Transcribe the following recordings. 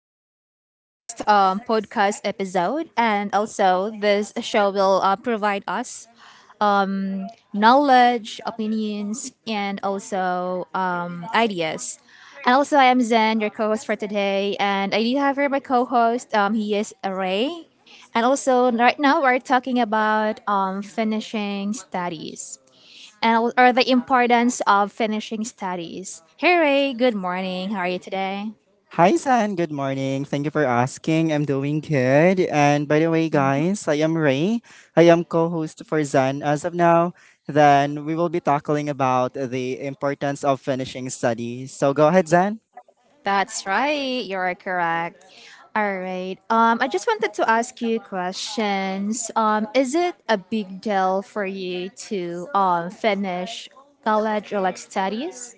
to our next podcast episode. And also, this show will provide us um, knowledge, opinions, and also ideas. And also, I am Zen, your co host for today. And I do have here my co host. He is Ray. And also, right now, we're talking about finishing studies or the importance of finishing studies. Hey, Ray, good morning. How are you today? Hi, San. Good morning. Thank you for asking. I'm doing good. And by the way, guys, I am Ray. I am co-host for Zen as of now. Then we will be talking about the importance of finishing studies. So go ahead, Zen. That's right. You're correct. All right. I just wanted to ask you questions. Is it a big deal for you to finish college or like studies?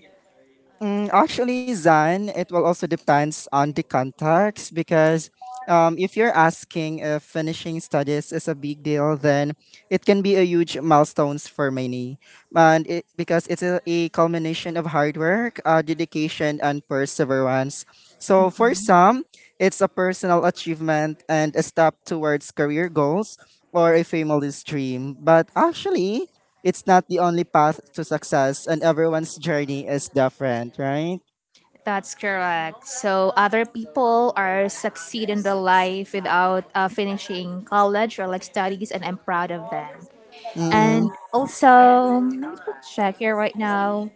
Actually, Zan, it will also depends on the context because if you're asking if finishing studies is a big deal, then it can be a huge milestones for many, and because it's a culmination of hard work, dedication, and perseverance. So for some, it's a personal achievement and a step towards career goals or a family's dream. But actually, it's not the only path to success and everyone's journey is different, right? That's correct. So other people are succeed in the life without finishing college or like studies, and I'm proud of them. Mm-hmm. And also, let me check here right now.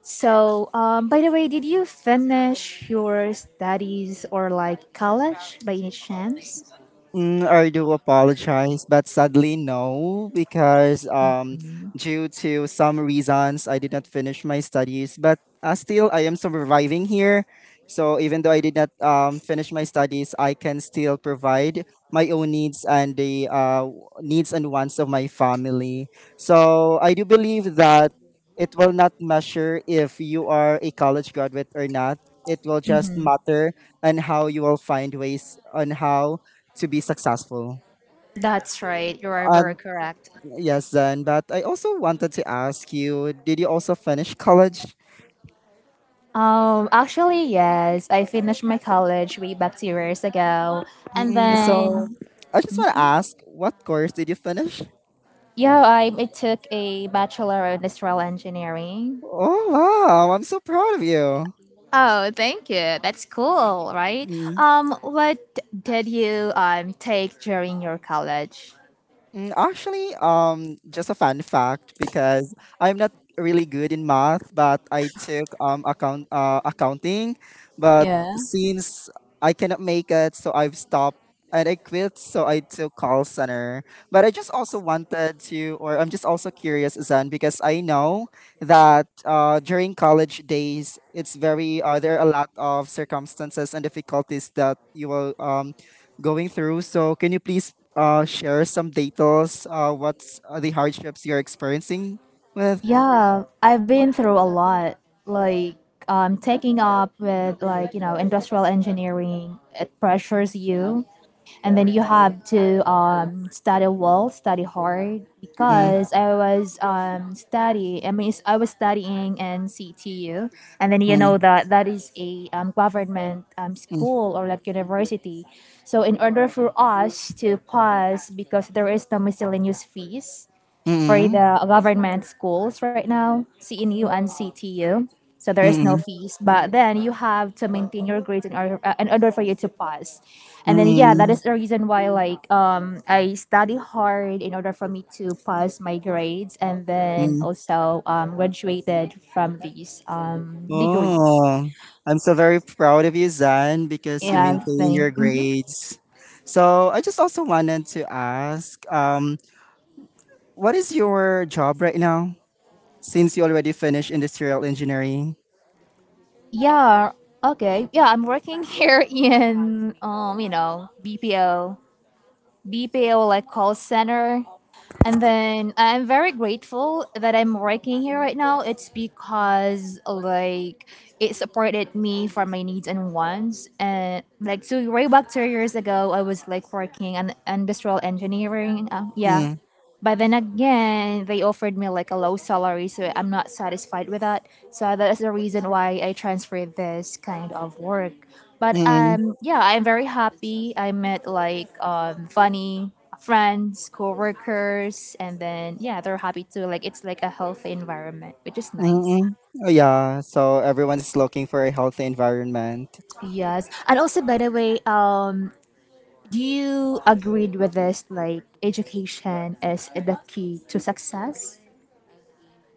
So, by the way, did you finish your studies or like college by any chance? I do apologize, but sadly no, because due to some reasons, I did not finish my studies. But still, I am surviving here. So even though I did not finish my studies, I can still provide my own needs and the needs and wants of my family. So I do believe that it will not measure if you are a college graduate or not. It will just Mm-hmm. matter and how you will find ways on how to be successful. That's right. You are very Um, correct. yes, then. But I also wanted to ask you: Did you also finish college? Actually, yes, I finished my college way back 2 years ago, and Mm-mm. So then I just want to ask: What course did you finish? yeah, I took a bachelor of industrial engineering. Oh wow! I'm so proud of you. Oh, thank you. That's cool, right? What did you take during your college? Actually, just a fun fact because I'm not really good in math, but I took accounting, but since I cannot make it, so I've stopped and I quit. So I took call center, but I just also wanted to, or I'm just also curious, Zan, because I know that during college days, it's very there are a lot of circumstances and difficulties that you will going through. So can you please share some details? What's the hardships you're experiencing with? Yeah, I've been through a lot. Like taking up with like industrial engineering, it pressures you, and then you have to study well, study hard. Mm, Because I was study, I mean, it's- I was studying in CTU, and then you mm, know that that is a government mm, school or like university. So in order for us to pass, because there is the miscellaneous fees for mm, the government schools right now, CNU and CTU. So there is no mm, fees, but then you have to maintain your grades in order for you to pass. And then yeah, that is mm, the reason why like I study hard in order for me to pass my grades and then mm. also graduated from these degrees. Oh, I'm so very proud of you, Zan, because you Yeah, maintain thing. your Hmm. grades. So I just also wanted to ask, what is your job right now? Since you already finished industrial engineering. Yeah. Okay. Yeah, I'm working here in BPO, BPO like call center. And then I'm very grateful that I'm working here right now. It's because like it supported me for my needs and wants. And like two-way back 2 years ago, I was like working in industrial engineering. Yeah, Mm, but then again, they offered me like a low salary, so I'm not satisfied with that. So that's the reason why I transferred this kind of work. But mm, yeah, I'm very happy. I met like funny friends, coworkers, and then yeah, they're happy too. Like it's like a healthy environment, which is mm, nice. mm. Oh, yeah, so everyone is looking for a healthy environment. Yes, and also by the way, do you agreed with this? Like education is the key to success.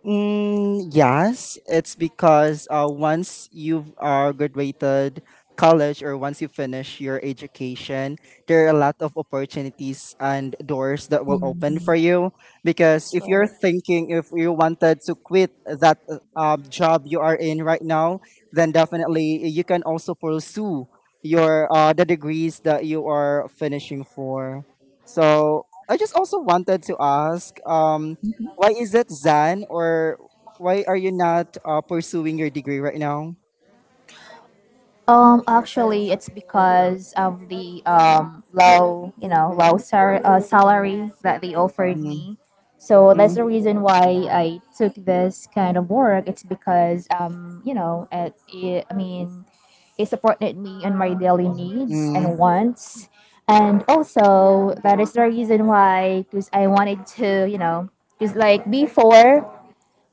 Yes, it's because once you've graduated college or once you finish your education, there are a lot of opportunities and doors that will open for you. Because That's if you're right. thinking if you wanted to quit that job you are in right now, then definitely you can also pursue your the degrees that you are finishing for. So I just also wanted to ask why is that, Zan? Or why are you not pursuing your degree right now? Actually, it's because of the low, you know, low sar- salary that they offered Mm, me. So that's mm, the reason why I took this kind of work. It's because it supported me in my daily needs mm, and wants, and also that is the reason why, because I wanted to, you know, because like before,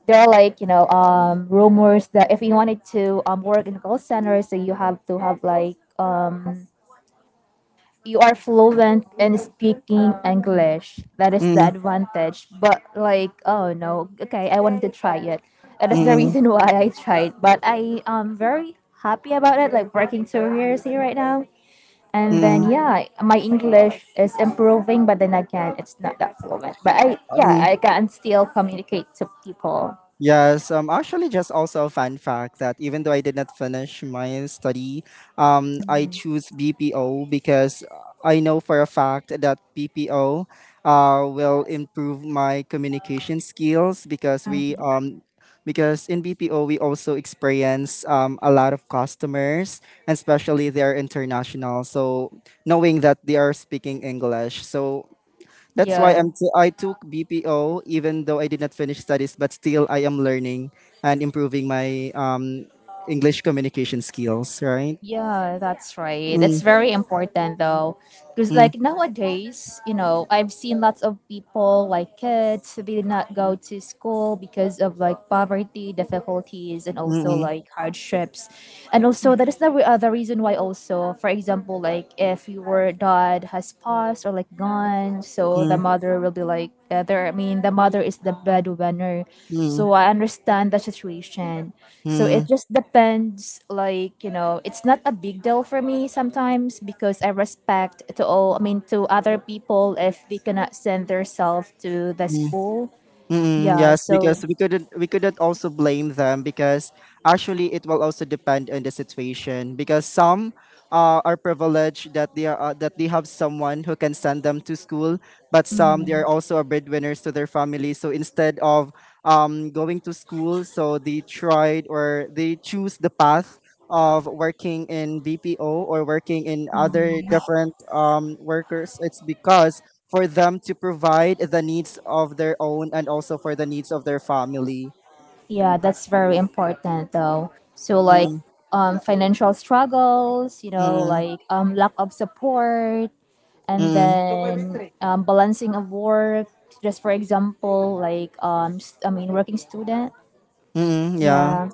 there are like rumors that if you wanted to work in a call center so you have to have like you are fluent in speaking english. That is the mm, advantage, but like oh no, okay, I wanted to try it. That is the mm, reason why I tried, but I am very happy about it, like working 2 years here right now. And mm, then yeah, my english is improving, but then again, it's not that fluent, but i yeah mm. i can still communicate to people. Yes, actually, just also a fun fact that even though I did not finish my study, I Mhm. choose BPO because I know for a fact that BPO, will improve my communication skills because we because in BPO we also experience a lot of customers, and especially they're international. So knowing that they are speaking English, so that's why Yeah, I took BPO even though I did not finish studies, but still I am learning and improving my English communication skills, right? yeah, that's right. Mm, It's very important though, because mm, like nowadays, you know, I've seen lots of people like kids they did not go to school because of like poverty, difficulties, and also mm, like hardships, and also that is the reason why also, for example, like if your dad has passed or like gone, so the mm, mother will be like there. I mean, the mother is the breadwinner, mm, so I understand the situation. mm, So it mm, just depends like, you know, it's not a big deal for me sometimes because I respect to all, I mean to other people if they cannot send themselves to the mm. school. Yeah, Yes, so because we couldn't also blame them because actually it will also depend on the situation because some are privileged that they are that they have someone who can send them to school, but some they are mhm, also a breadwinners to their family. So instead of going to school, so they tried or they choose the path of working in BPO or working in other mhm, different workers. It's because for them to provide the needs of their own and also for the needs of their family. yeah, that's very important though. So like Mm-mm, financial struggles, you know, mm-mm, like lack of support and then balancing of work, just for example, like working student. yeah. Yeah.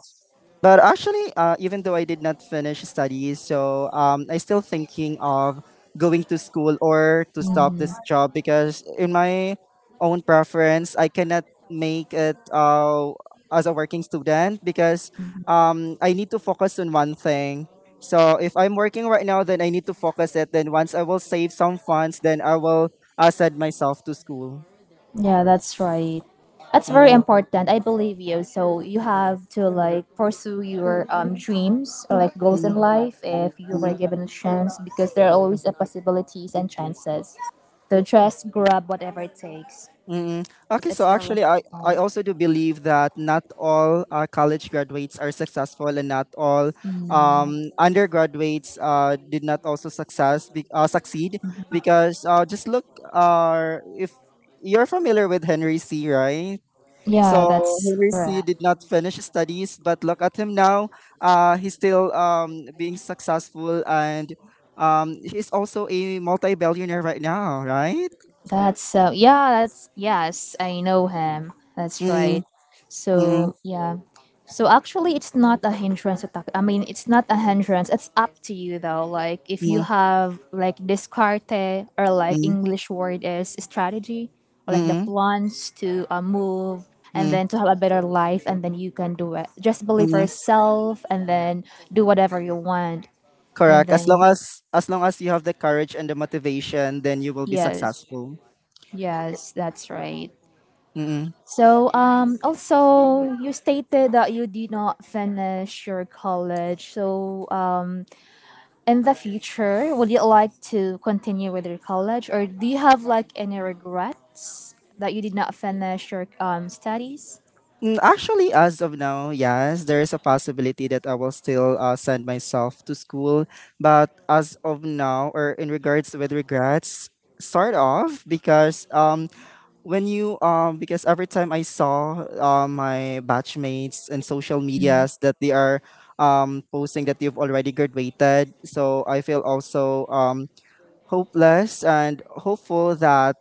But actually, even though I did not finish studies, so I still thinking of going to school or to stop Mm-hmm. this job because in my own preference, I cannot make it as a working student because I need to focus on one thing. So if I'm working right now, then I need to focus it. Then once I will save some funds, then I will send myself to school. Yeah, that's right. That's very important. I believe you. So you have to like pursue your dreams or like goals in Mm-mm. life if you were given a chance because there are always a possibilities and chances. So just grab whatever it takes. Mm. It's, Okay, so it's very actually, I important. also do believe that not all college graduates are successful, and not all Mm. Undergraduates did not also success be, succeed because just look, if you're familiar with Henry C, right? Yeah, So that's Henry C correct. did not finish his studies, but look at him now. He's still being successful, and he's also a multi-billionaire right now, right? That's so yeah, that's yes, I know him. That's Mm, right. mm, So yeah. So actually it's not a hindrance to talk. I mean it's not a hindrance. It's up to you though. Like if you mm, have like descarte or like mm. english word is strategy or like the Mm, plans to move and mm, then to have a better life, and then you can do it. Just believe mm. yourself and then do whatever you want. And Correct. As long then as as long as you have the courage and the motivation, then you will be yes. successful. Yes, that's right. Mm-mm. So, also, you stated that you did not finish your college. So, in the future, would you like to continue with your college, or do you have like any regrets that you did not finish your studies? Actually, as of now, yes, there is a possibility that I will still send myself to school. But as of now, or in regards with regrets, start off because when you because every time I saw my batchmates and social Mm, medias that they are posting that you've already graduated, so I feel also hopeless and hopeful that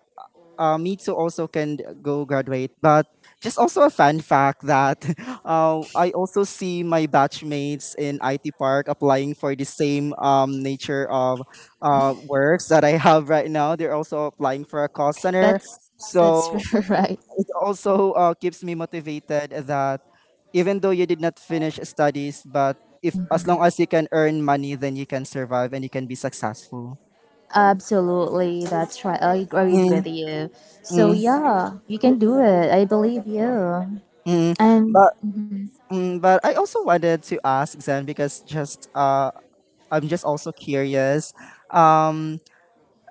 me too also can go graduate. But just also a fun fact that I also see my batchmates in IT Park applying for the same nature of works that I have right now. They're also applying for a call center. that's that's So right. it also keeps me motivated that even though you did not finish studies, but if as long as you can earn money, then you can survive and you can be successful. Absolutely, that's right. I agreed Mm, with you. So mm. yeah, you can do it. I believe you. Mm, And but but I also wanted to ask Zen because just I'm just also curious. Um,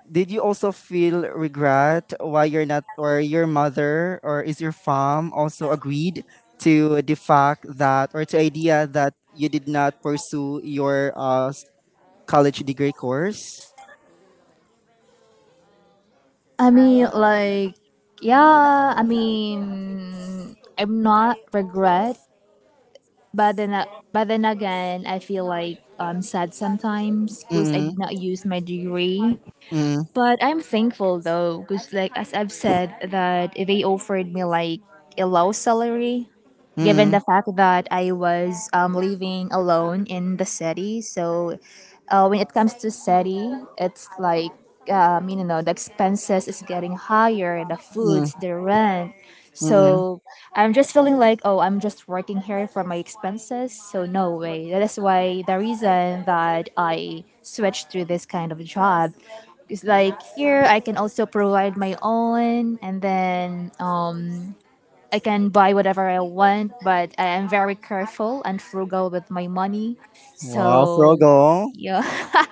did you also feel regret why you're not or your mother or is your mom also agreed to the fact that or to idea that you did not pursue your college degree course? I mean, like, yeah. I mean, I'm not regret, but then, a- but then again, I feel like I'm sad sometimes because I Mm, did not use my degree, mm, but I'm thankful though, because like as I've said, that they offered me like a low salary, given mm, the fact that I was living alone in the city. So when it comes to city, it's like you know the expenses is getting higher, the mm, foods, the rent. mm. So I'm just feeling like oh I'm just working here for my expenses. So no way. That is why the reason that I switched to this kind of job. It's like here I can also provide my own and then I can buy whatever I want, but I am very careful and frugal with my money. Wow, So frugal. yeah,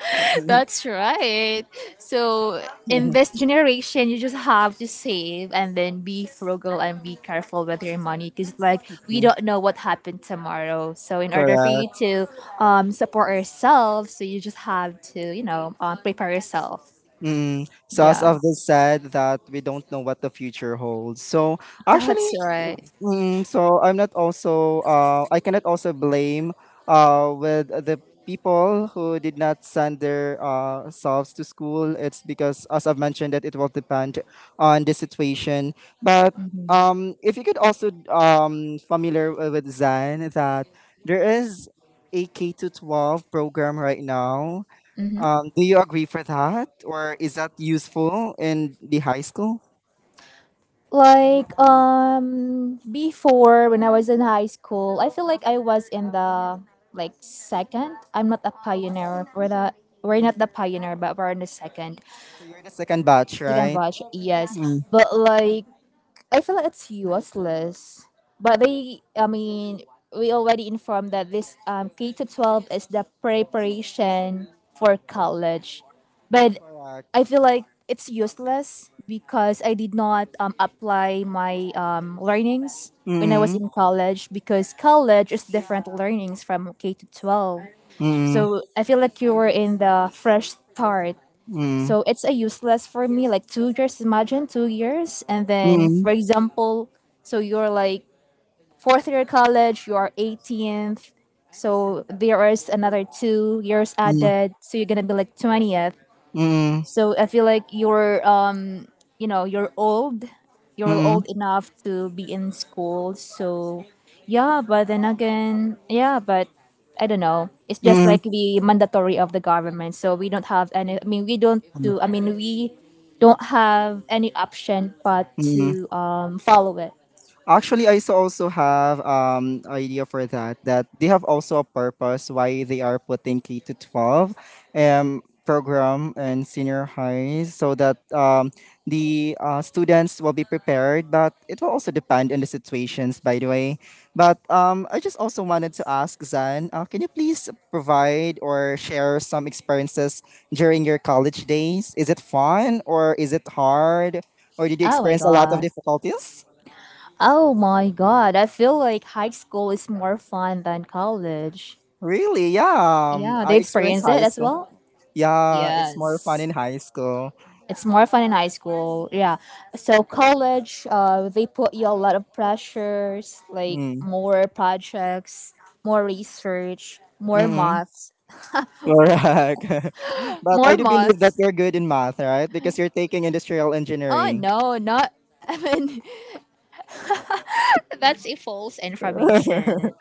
that's right. So in this generation, you just have to save and then be frugal and be careful with your money because like we don't know what happened tomorrow. So in order for Correct. you to support yourself, so you just have to you know prepare yourself. So as Yeah, of this said that we don't know what the future holds. So actually, that's right. mm, so I'm not also I cannot also blame with the people who did not send their selves to school. It's because as I've mentioned that it will depend on the situation. But Mm-hmm. If you could also familiar with Zen that there is a K to 12 program right now Mm-hmm. Do you agree for that, or is that useful in the high school? Like before when I was in high school, I feel like I was in the like second. I'm not a pioneer. We're not the pioneer, but we're in the second, So you're the second batch, second right? batch. Yes, Mm. but like I feel like it's useless. But they, I mean, we already informed that this K to 12 is the preparation for college, but Correct. I feel like it's useless because I did not apply my learnings when I was Mm. in college because college is different learnings from K to 12. Mm. So I feel like you were in the fresh start, Mm. so it's a useless for me, like 2 years, imagine 2 years. And then, Mm. for example, so you're like 4th year college, you are 18th. So there is another 2 years Mm. added. So you're going to be like 20th. Mm. So I feel like your you know you're Mm. old enough to be in school, so yeah, but then again yeah, but I don't know, it's just Mm. like the mandatory of the government, so we don't have any, I mean we don't Mm. do I mean we don't have any option but Mm. to follow it. Actually, I so also have idea for that that they have also a purpose why they are putting K to 12 program and senior highs so that the students will be prepared but it will also depend on the situations by the way but I just also wanted to ask zan can you please provide or share some experiences during your college days is it fun or is it hard or did you Oh my experience a lot of god, difficulties I feel like high school is more fun than college. Really? Yeah. Yeah, I they experienced experience it high as school. well. Yeah, it's more fun Yes. in high school. It's more fun in high school. Yeah. So college, they put you a lot of pressures, like Mm. more projects, more research, Mm-mm. Correct. But I more do believe that maths. you're good in math, right? Because you're taking industrial Oh engineering. no, not. I mean, that's a false information.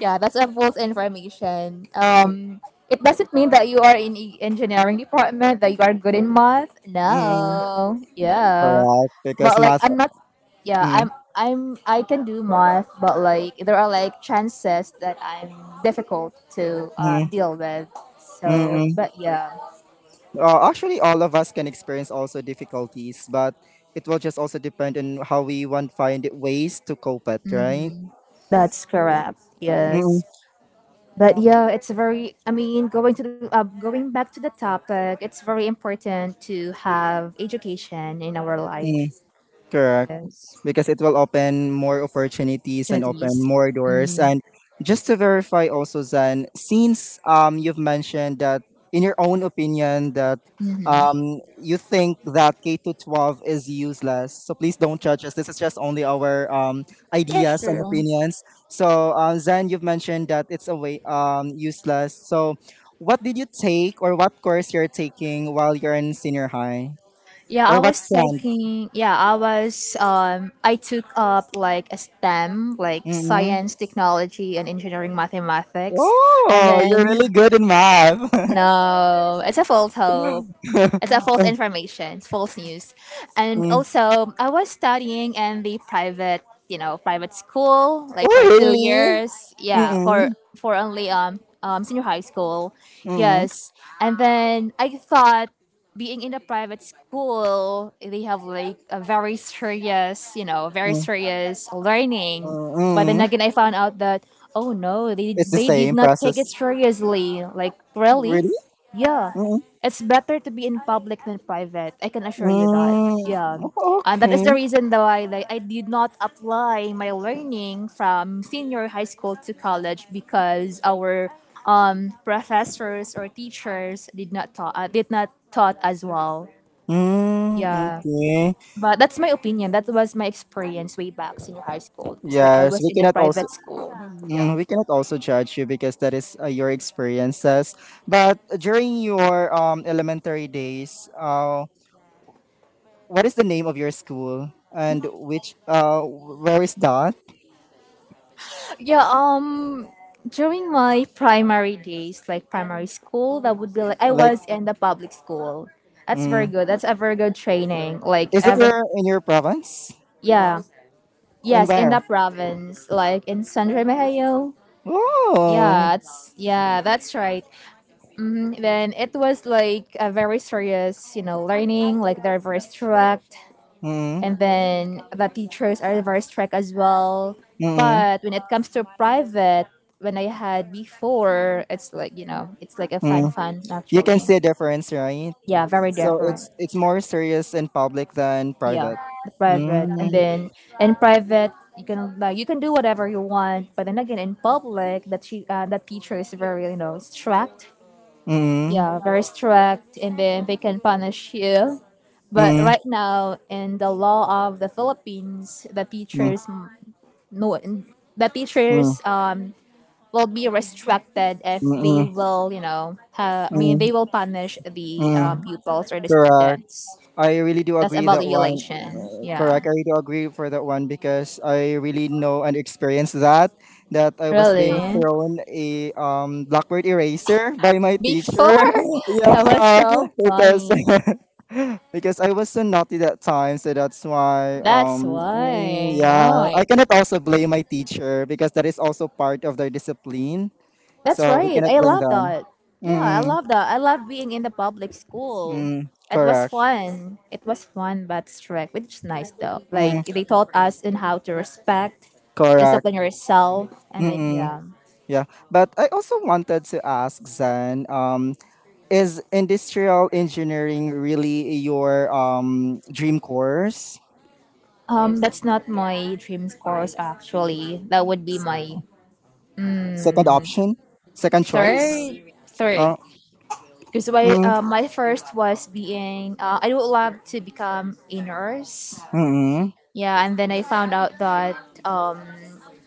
Yeah, that's a false information. It doesn't mean that you are in engineering department that you are good in math. mm. No, yeah, Correct. Because but like math. I'm not. Mm. I can do math, but like there are like chances that I'm difficult to Mm. Deal with. So, Mm. but yeah. Actually, all of us can experience also difficulties, but it will just also depend on how we want find ways to cope it, right? Mm-hmm. That's correct. Yes. But yeah, it's very. Going to the, going back to the topic, it's very important to have education in our life. Mm-mm. Correct. Yes, Because it will open more opportunities and open opportunities. more doors. And just to verify also, Zan, since you've mentioned that in your own opinion that Mm-hmm. You think that K to 12 is useless, so please don't judge us. This is just only our Yeah, ideas and sure. opinions. So Zan, you've mentioned that it's a way useless. So what did you take or what course you're taking while you're in senior high Yeah, or I what was strand? taking. Yeah, I was. I took up like a STEM, like science, technology, and engineering, mathematics, and Oh, then you're really good in math. no, it's a false hope. It's a false information, it's false news. And Mm. also, I was studying in the private, private school like Oh, for two really? years. Yeah, Mm-mm. for only senior high school. Mm-mm. Yes, and then I thought being in a private school, they have like a very serious, very Mm-mm. serious learning. But then Mm-mm. again, I found out that oh no, they It's the they did same not take it process. seriously. Like really, Really? yeah. Mm-mm. It's better to be in public than private. I can assure you that. Yeah. Mm, And that is okay. the reason though I did not apply my learning from senior high school to college because our professors or teachers did not taught as well. Mm, Yeah. okay. But that's my opinion. That was my experience way back senior high school. It's like I Yes, was we in a cannot also private school. Yeah. We cannot also judge you because that is your experiences. But during your elementary days, what is the name of your school and which where is that? Yeah, during my primary days, like primary school, that would be like I Like was in the public school. That's very Mm. good. That's a very good training. Like Is it ever your in your province? yeah. And Yes, in where? the province, like in San Remigio. Yeah, Oh. That's. yeah, that's right. Then it was like a very serious, you know, learning. Like they're very strict Mm. and then the teachers are very strict as well. Mm. But when it comes to private, when I had before, it's like you know, it's like a fun Mm. fun You can actually. see a difference, right? Yeah, very So different. it's more serious in public than Yeah, private. the private, and Mm. then in private you can you can do whatever you want. But then again, in public, that teacher is very you know strict. Mm. Yeah, very strict, and then they can punish you. But Mm. right now, in the law of the Philippines, the Mm. teachers noon. The Mm. teachers um, will be restricted Mm. if they Mm. will, you know, Mm. they will punish the Mm. pupils or the Correct. students. I really do That's agree that one. evaluation. Yeah. Correct. I really do agree for that one because I really know and experienced that I was being Really? thrown a blackboard eraser by my teacher. Before? That was Yeah, so because funny. because I was so naughty that time, so that's why That's why. yeah, Oh my I cannot also blame my teacher because that is also part of their discipline. That's So we right. cannot I blame love them. that. Yeah, I Mm, love that. I love being in the public school. mm, It was correct. fun. It was fun but strict, which is nice though. Mm, Like they taught us in how to respect, correct. discipline yourself, and then Mm. yeah. Yeah, but I also wanted to ask Zan, is industrial engineering really your dream course? That's not my dream course actually. That would be my Second option, second choice? third. Uh, Because mm, my first was being I would love to become a nurse. mm, Yeah, and then I found out that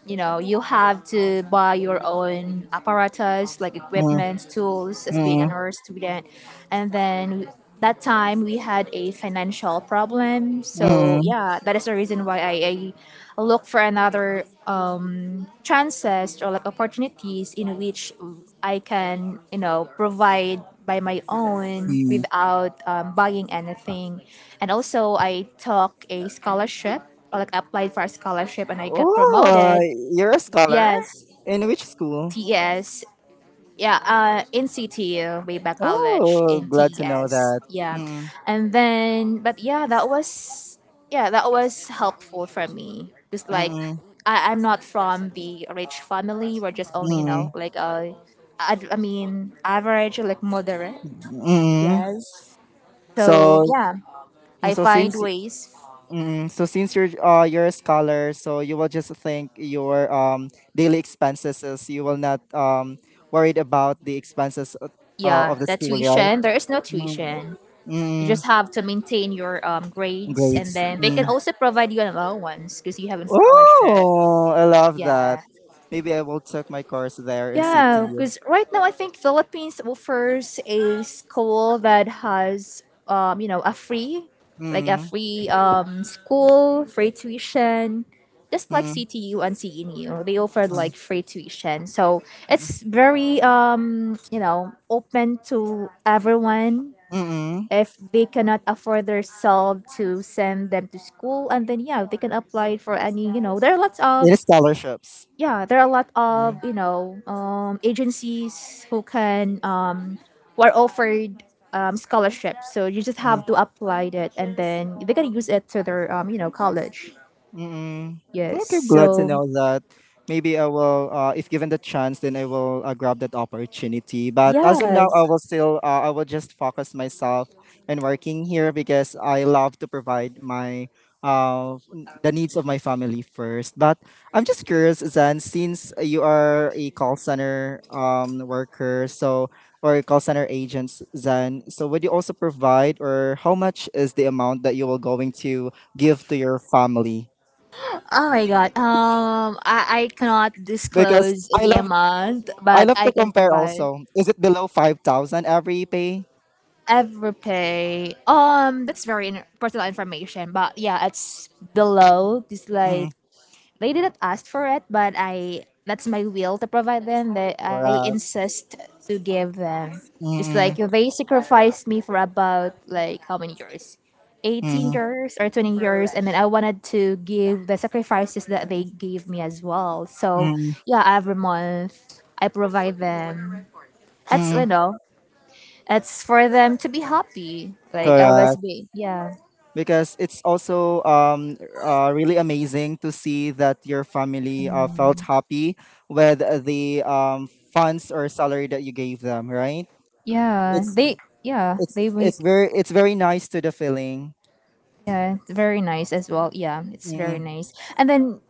you know you have to buy your own apparatus like mm, equipment tools as being mm, an art student, and then that time we had a financial problem, so mm, yeah that is the reason why I look for another chances or like opportunities in which I can you know provide by my own mm. without buying anything. And also I took a scholarship or like applied for a scholarship and I got Oh, promoted. you're a scholar? Yes, In which school? TS. Yeah, in CTU, way back college Oh, in glad to know TS. that. Yeah, Mm, and then, but yeah, that was helpful for me. Just like mm, I'm not from the rich family. We're just only you know mm, like I mean average, like moderate. mm. Yes. So So, yeah, I so find since ways. since you're a scholar, so you will just think your daily expenses is you will not worried about the expenses Yeah, of the the school, right? tuition. There is no Mm, tuition. You mm, just have to maintain your grades, and grades. then they can Mm. also provide you an allowance because you have a scholarship. Oh, I love that. Yeah. Maybe I will check my course there in Yeah, CTU. because right now I think Philippines offers a school that has, you know, a free, like a Mm, free school, free tuition, just like mm, CTU and CNU. They offer mm, like free tuition, so mm, it's very, you know, open to everyone mm. if they cannot afford their self to send them to school, and then yeah they can apply for any you know there are lots It of is scholarships. yeah there are a lot of Mm, you know agencies who can who are offered scholarships, so you just mm. have to apply it and then they can use it to their you know college. Mm-mm. No, Yes okay, glad to so know that. Maybe I will, if given the chance, then I will grab that opportunity. But as of now, I yes will still, I will just focus myself in working here because I love to provide my, the needs of my family first. But I'm just curious, Zan, since you are a call center worker, so or a call center agents, Zan, so would you also provide, or how much is the amount that you will going to give to your family oh my god I cannot because disclose the amount I but love I to can compare provide. also. Is it below 5,000 every pay? Everypay. That's very in- personal information, but yeah, it's below. It's like Mm, they didn't ask for it, but I that's my will to provide them. That I correct. insist to give them. It's like Mm, they sacrificed me for about like how many years, eighteen mm, years or 20 years, and then I wanted to give the sacrifices that they gave me as well. So mm, yeah, every month I provide them. That's mm, you know it's for them to be happy. Like I was correct. be yeah. Because it's also really amazing to see that your family felt happy with the funds or salary that you gave them. Right. Yeah. It's They yeah, it's they make it's very it's very nice to the feeling. yeah, it's very nice as well. Yeah, it's very Mm, nice. And then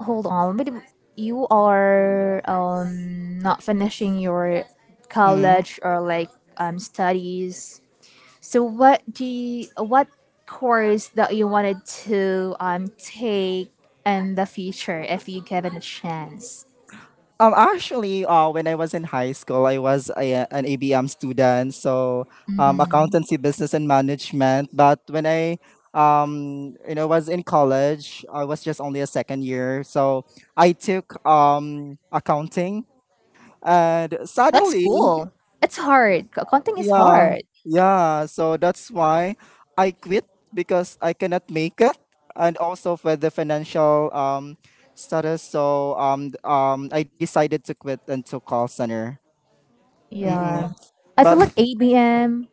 hold on, but you are not finishing your mm. college or like studies. So what course that you wanted to take in the future if you given a chance? Actually, when I was in high school, I was an ABM student, so Mm-hmm. accountancy, business, and management. But when I was in college, I was just only a second year, so I took accounting, and That's suddenly, cool. It's hard. Accounting is yeah, hard. yeah. So that's why I quit because I cannot make it, and also for the financial status. So I decided to quit and to call center. Mm-mm. Yeah. I feel But like ABM,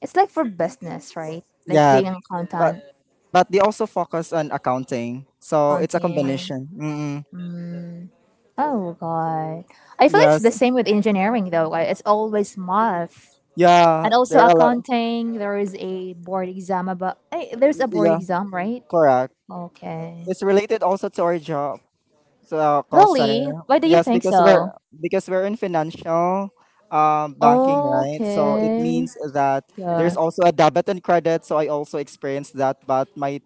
it's like for business, right? Like yeah, being an but accountant, but they also focus on accounting, so it's a accounting. combination. Mm-mm. Oh god. I feel it's Yes, the same with engineering though, right? It's always math. yeah, And also there are a lot. accounting, there's a board Yeah, exam, right? correct. Okay. It's related also to our job, to our call Really? center. Why do you Yes, think because so? We're in financial banking, right? So it Okay. means that there's Yeah. also a debit and credit. So I also experienced that, but my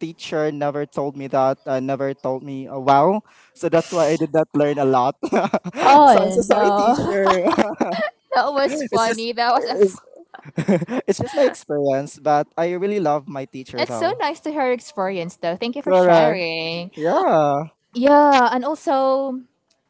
teacher never told me that, never told me, wow. So that's why I did not learn a lot. So I'm Oh so sorry, no. teacher. That was It's just funny. That was a. it's, it's just my experience, but I really love my teacher It's so though. nice to hear your experience, though. Thank you for Correct. sharing. Yeah. Yeah, and also,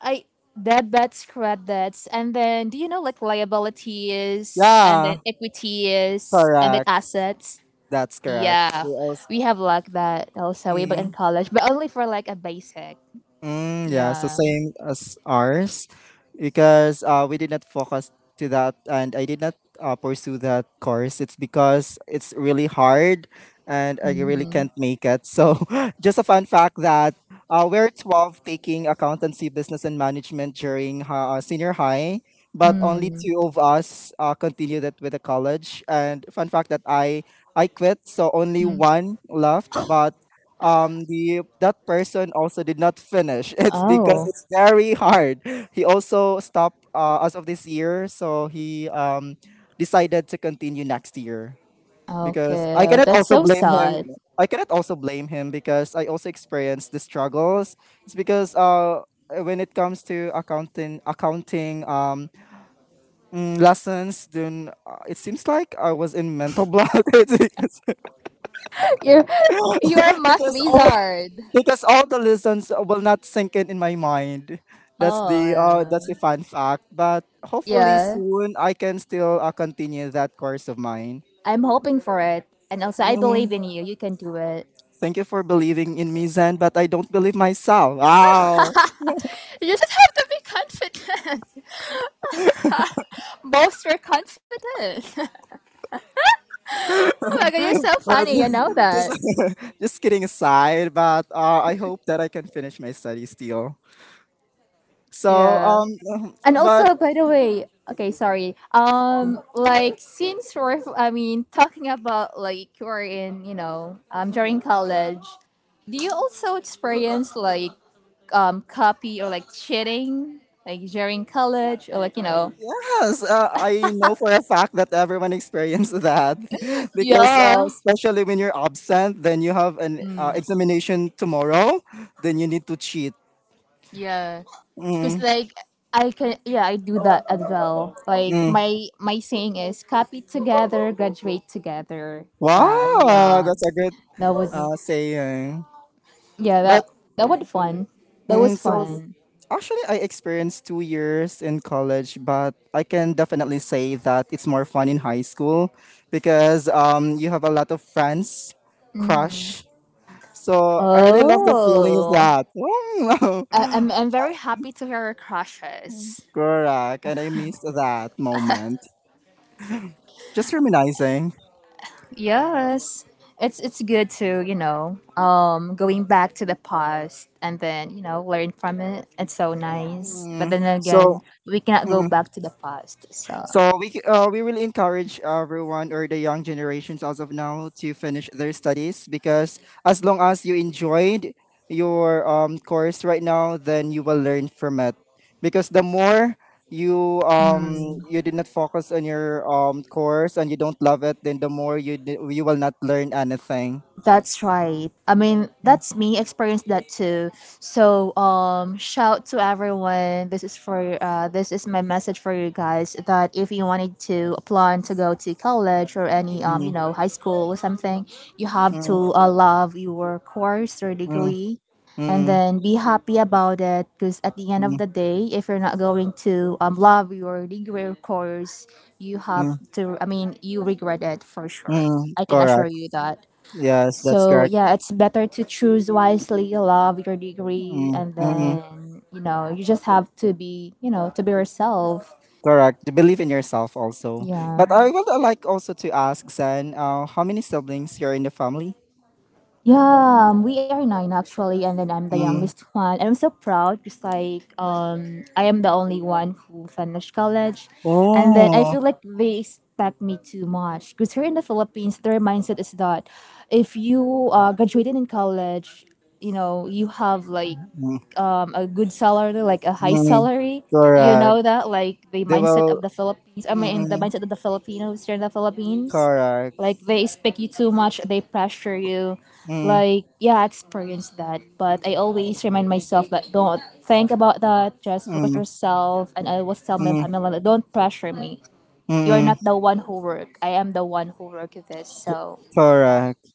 I debits, credits, and then do you know like liabilities, and then Yeah. equities, and then Correct. assets? That's correct. Yeah, We also, we have like that also way back in college, but only for like a basic. mm, yeah, so Yeah. same as ours because we did not focus to that and I did not pursue that course. It's because it's really hard and I really Mm-hmm. can't make it. So, just a fun fact that we're 12 taking accountancy, business, and management during senior high, but only Mm. two of us continued it with the college. And fun fact that I quit, so only Mm. one left, but the that person also did not finish. It's because Oh, it's very hard. He also stopped, as of this year, so he decided to continue next year because I okay. cannot That's also so blame him. sad. I cannot also blame him because I also experienced the struggles. It's because when it comes to accounting lessons, then it seems like I was in mental block. It's because You're you're a math because wizard. because all the lessons will not sink in my mind. Oh, yeah. That's the fun fact. But hopefully Yeah. soon I can still continue that course of mine. I'm hoping for it. And also, I Mm, believe in you. You can do it. thank you for believing in me, Zen. But I don't believe myself. Wow. You just have to be confident. Bolster confident. Oh my god, you're so But funny. You know just, that. just kidding aside, but I hope that I can finish my studies still. So, Yeah. And but also, by the way, okay, sorry. Since we're, f- I mean, talking about like you're in, you know, during college, do you also experience like copy or like cheating, like during college or like you know? yes, I know for a fact that everyone experienced that because Yeah, especially when you're absent, then you have an examination tomorrow, then you need to cheat. yeah. Cause Mm, like yeah, I do that as well. Like mm. my saying is, copy together, graduate together. So Wow, yeah, that's a good that would be. Saying. Yeah, But that was fun. That mm, was so fun. actually, I experienced 2 years in college, but I can definitely say that it's more fun in high school because you have a lot of friends, crush, so I really love the feeling of Oh, that. I'm very happy to hear your crushes. Correct. And I missed that moment. Just reminiscing. Yes, it's good to you know going back to the past and then you know learn from it. It's so nice. But Mm. then So again, we cannot go mm. back to the past. So So we will encourage everyone or the young generations as of now to finish their studies because as long as you enjoyed your course right now, then you will learn from it. Because the more hmm. you did not focus on your course and you don't love it, then the more you will not learn anything. That's right. I mean, that's me experienced that too. So, shout to everyone. This is for this is my message for you guys that if you wanted to plan to go to college or any you Mm, know, high school or something, you have mm, to love your course or mm, degree, and mm, then be happy about it. Because at the end of mm, the day, if you're not going to love your degree or course, you mm, have to. I mean, you regret it for sure. mm. I can assure Correct. you that. Yes, that's So correct. yeah, it's better to choose wisely, love your degree, Mm, and mm, then you know you just have to be you know to be yourself. correct. To believe in yourself also. But I Yeah, would like also to ask Zan, how many siblings you're in the family? yeah. We are nine actually, and then I'm the Mm. youngest one, and I'm so proud because like I am the only one who finished college, and then I Oh. feel like they expect me too much because here in the Philippines their mindset is that if you graduated in college, you know you have like Mm. A good salary, like a high Mm. salary. You Correct. know that, like the They mindset will. of the Philippines. I mean, the Mm. mindset of the Filipinos here in the Philippines. Correct. Like they expect you too much, they pressure you. Mm. Like yeah, I experienced that, but I always remind myself that don't think about that. Just focus Mm. yourself, and I always tell my Mm. family, like, don't pressure me. You are Mm. not the one who work. I am the one who work this. So yeah. Correct.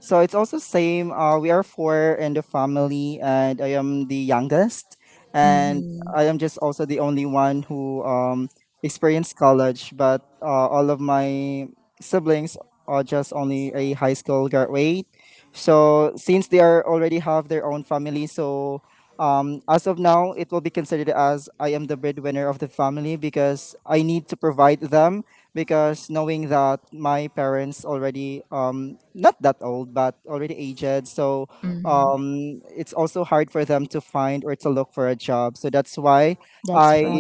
So it's also same. We are four in the family, and I am the youngest, and Mm-hmm. I am just also the only one who experienced college. But all of my siblings are just only a high school graduate. So since they are already have their own family, so as of now, it will be considered as I am the breadwinner of the family because I need to provide them because knowing that my parents already not that old but already aged, so Mm-hmm. It's also hard for them to find or to look for a job, so that's why That's i right.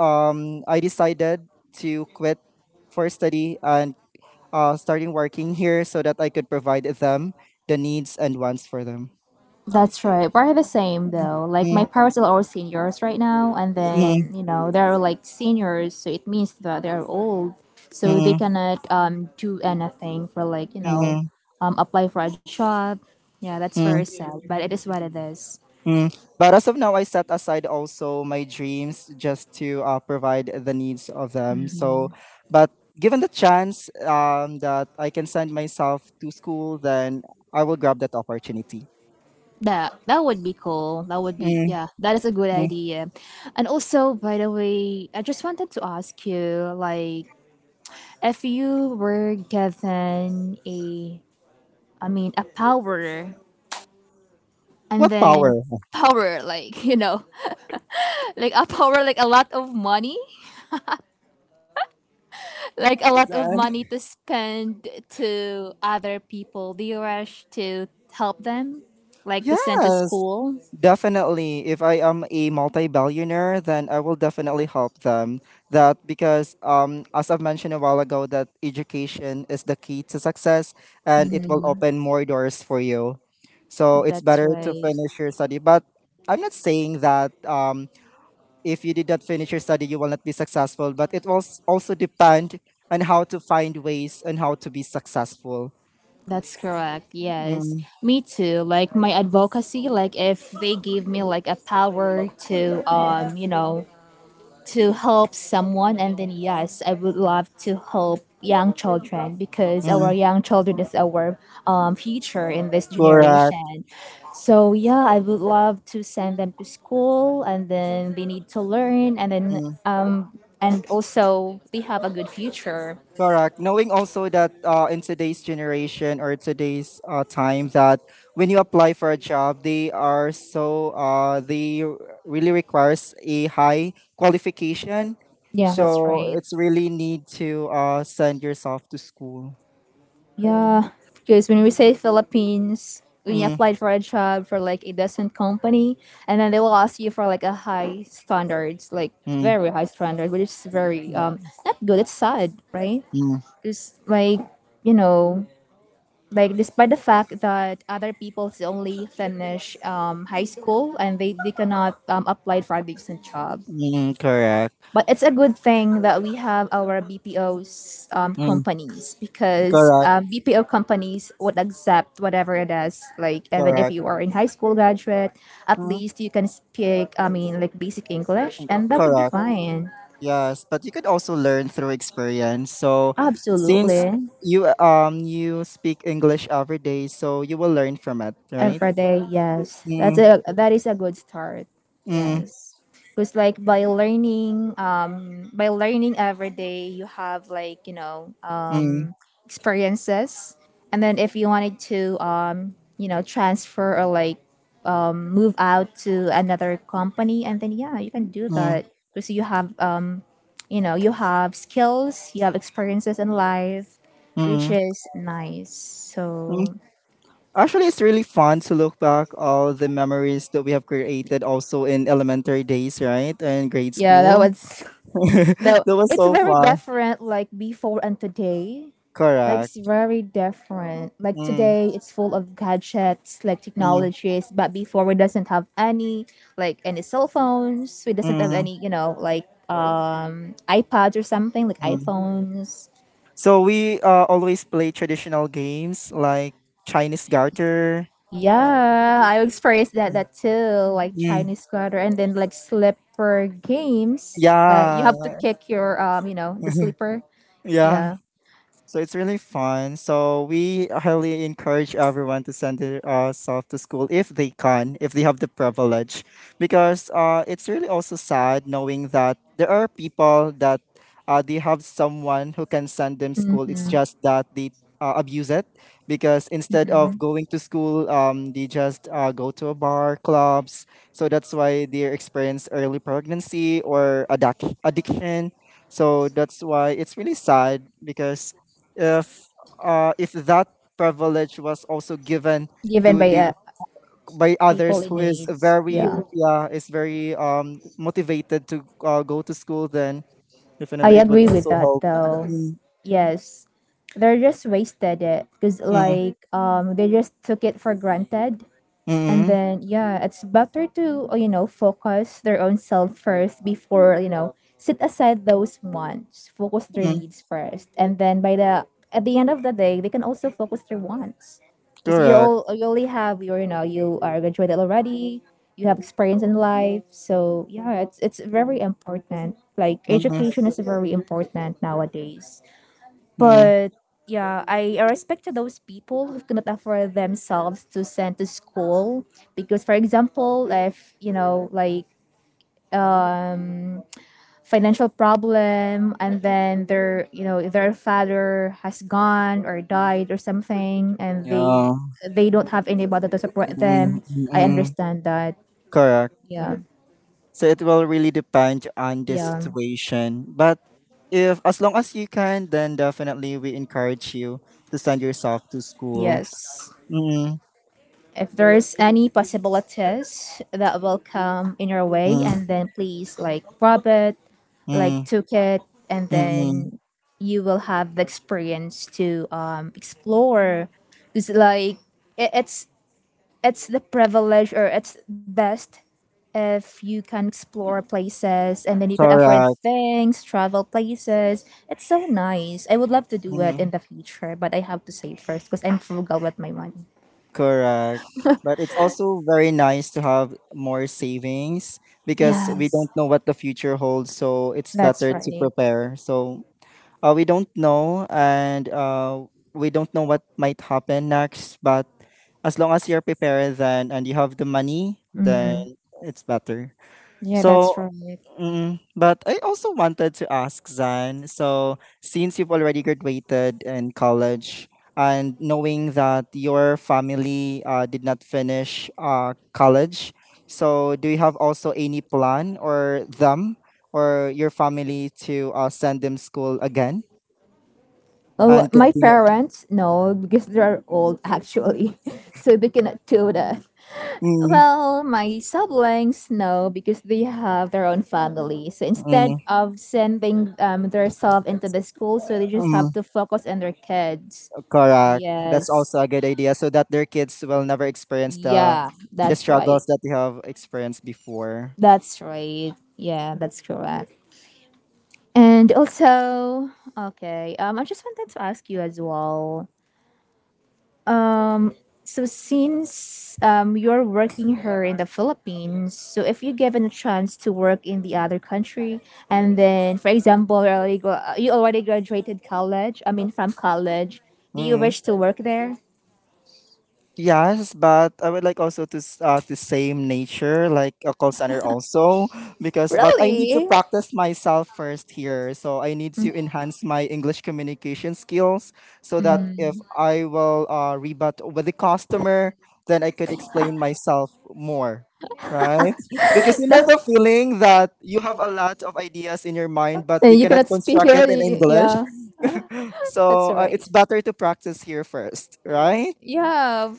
I decided to quit for study and starting working here so that I could provide them the needs and wants for them. That's right. We're the same though. Like my Mm, parents are all seniors right now, and mm, then you know they're like seniors, so it means that they're old, so they mm, cannot do anything for like you know, mm, apply for a job. Yeah, that's mm, very sad, but it is what it is. mm. But as of now, I set aside also my dreams just to provide the needs of them. So, but given the chance, that I can send myself to school, then I will grab that opportunity. That would be cool. That would be Mm-hmm. yeah. That is a good idea. And also, by the way, I just wanted to ask you like if you were given a I mean a power and What then power? power like you know like a power like a lot of money like a Okay, lot of then. money to spend to other people do you rush to help them like to send to Yes. school. Definitely, if I am a multi-billionaire, then I will definitely help them. That because, as I've mentioned a while ago, that education is the key to success, and it will Mhm. open more doors for you. So it's That's better to right. finish your study. But I'm not saying that if you did not finish your study, you will not be successful. But it will also depend on how to find ways and how to be successful. That's correct, yes. Mm, Me too, like my advocacy, like if they give me like a power to to help someone and then yes, I would love to help young children because our mm, young children is our future in this correct. generation. So yeah, I would love to send them to school and then they need to learn and then Mm-hmm. And also they have a good future. Correct. Knowing also that in today's generation or today's time that when you apply for a job, they are so really requires a high qualification. Yeah, that's So right. it's really need to send yourself to school. Yeah, because when we say Philippines, when you Mm, applied for a job for like a decent company, and then they will ask you for like a high standards, like mm, very high standard, which is very mm, not good. It's sad, right? mm, Because like, you know, like despite the fact that other people only finish high school and they cannot apply for a decent job. mm, correct. But it's a good thing that we have our BPOs Mm, companies because correct. BPO companies would accept whatever it is. Like even if Correct. you are in high school graduate, at Mm, least you can speak. I mean, like basic English, and that would be correct. fine. Yes, but you could also learn through experience. So since Absolutely, you speak English every day, so you will learn from it, right? every day. Yes, that's Mm, a that is a good start. mm, Yes, because like by learning every day, you have like, you know, mm, experiences. And then if you wanted to, transfer or like move out to another company, and then yeah, you can do mm, that because you have, you have skills, you have experiences in life, which mm, is nice. mm. So Actually, it's really fun to look back all the memories that we have created also in elementary days, right? And grade yeah, that school. was no, That was it's so very fun. different like before and today. Like it's Correct. very different. Like Mm, today, it's full of gadgets, like mm, technologies. But before, we doesn't have any, like any cell phones. We doesn't have mm, any, you know, like iPads or something, like mm. iPhones. So we always play traditional games like Chinese garter. Yeah, I experienced that too, like Mm, Chinese squatter, and then like slipper games. Like you yeah. have to kick your the slipper. Yeah. Yeah. So it's really fun. So we highly encourage everyone to send their self to school if they can, if they have the privilege, because it's really also sad knowing that there are people that they have someone who can send them school. It's Mm-hmm, just that they abuse it because instead of mm-hmm. going to school, they just go to a bar, clubs. So that's why they experience early pregnancy or addiction. So that's why it's really sad because if if that privilege was also given Given to by the by people others in who is needs. very Yeah. yeah is very motivated to go to school, then I definitely it would agree with also that help. though. Mm, Yes. They're just wasted it because mm, like they just took it for granted and mm, then yeah, it's better to focus their own self first before, you know, set aside those wants, focus their mm, needs first, and then by the at the end of the day they can also focus their wants, because you correct. all you only have your, you know, you are graduated already, you have experience in life. So yeah, it's very important, like Mm, mm, education is very important nowadays. mm, But yeah, I respect to those people who cannot afford themselves to send to school because, for example, if you know, like um financial problem and then their, you know, their father has gone or died or something and yeah. They don't have anybody to support Mm, them. mm, I mm, understand that. correct. Yeah. So it will really depend on the Yeah. situation, but if as long as you can, then definitely we encourage you to send yourself to school. Yes, Mm, if there's any possibilities that will come in your way mm. and then please like grab it, like Mm, took it, and mm, then you will have the experience to explore. It's like it's it's the privilege, or it's best if you can explore places and then you can afford correct. things, travel places. It's so nice. I would love to do it in Mm, the future, but I have to save first because I'm frugal with my money. correct. But it's also very nice to have more savings because we Yes, don't know what the future holds, so it's that's better to right. prepare. So we don't know, and we don't know what might happen next. But as long as you're prepared, then and you have the money, then Hmm, it's better. yeah, So, that's right. But I also wanted to ask Zan. So, since you've already graduated in college, and knowing that your family did not finish college, so do you have also any plan or them or your family to send them school again Oh, and my continue? parents? No, because they're old actually. So they cannot do that. Mm, Well, my siblings, no, because they have their own family. So instead mm, of sending themselves into the school, so they just mm, have to focus on their kids. correct. That's Yes. also a good idea, so that their kids will never experience the Yeah, that's right. struggles that they have experienced before. That's right. Yeah, that's correct. And also, okay, I just wanted to ask you as well. Um, so since you're working here in the Philippines, so if you given a chance to work in the other country, and then, for example, you already, you already graduated college, I mean, from college, do you Mm, wish to work there? yes, but I would like also to to same nature like a call center also because but I need to Really? practice myself first here. So I need to enhance my English communication skills so that if Mm. I will rebut with the customer, then I could explain myself more. Right? Because you know The- the feeling that you have a lot of ideas in your mind, but you you cannot cannot speak construct it in already. English. Yeah, that's So it's right. better to practice here first, right? Yeah,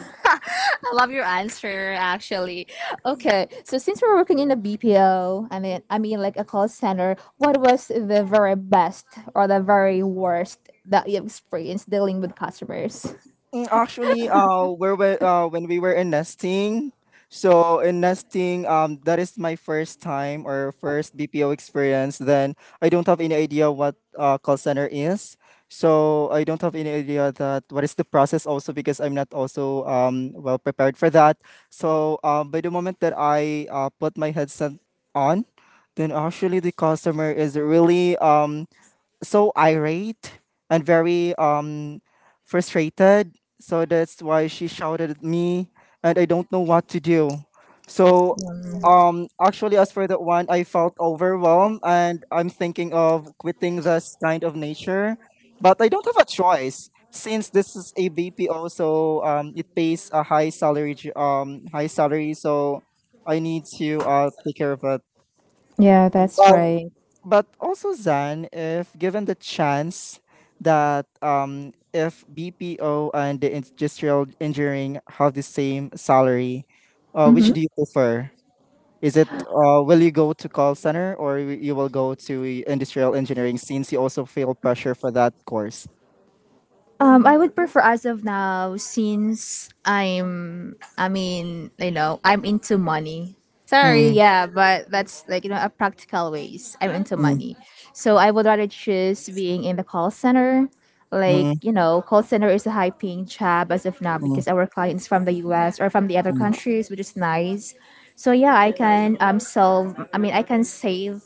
I love your answer actually. Okay, so since we're working in a BPO, I mean like a call center, what was the very best or the very worst that you experienced dealing with customers? Mm, actually, when we were in nesting, so in nesting, that is my first time or first BPO experience. Then I don't have any idea what call center is. So I don't have any idea that what is the process also because I'm not also well prepared for that. So by the moment that I put my headset on, then actually the customer is really so irate and very frustrated. So that's why she shouted at me and I don't know what to do. So actually as for that one I felt overwhelmed and I'm thinking of quitting this kind of nature. But I don't have a choice since this is a BPO so it pays a high salary high salary so I need to take care of it Yeah, that's right. but also Zan, if given the chance that if BPO and the industrial engineering have the same salary, which Mm-hmm. do you prefer? Is it will you go to call center or you will go to industrial engineering since you also feel pressure for that course? I would prefer as of now since I mean, you know, I'm into money. Sorry, Mm, yeah, but that's like, you know, a practical ways. I'm into mm, money. So I would rather choose being in the call center. Like, mm, you know, call center is a high paying job as of now mm, because our clients from the US or from the other mm, countries, which is nice. So yeah, I can solve I mean I can save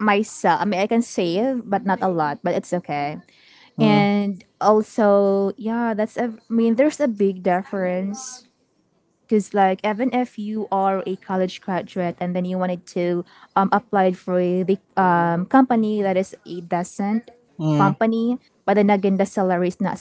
myself. I mean I can save but not a lot, but it's okay. mm, And also yeah, that's a I mean there's a big difference because like even if you are a college graduate and then you wanted to apply for the company that is a decent mm, company, but then again the salary is not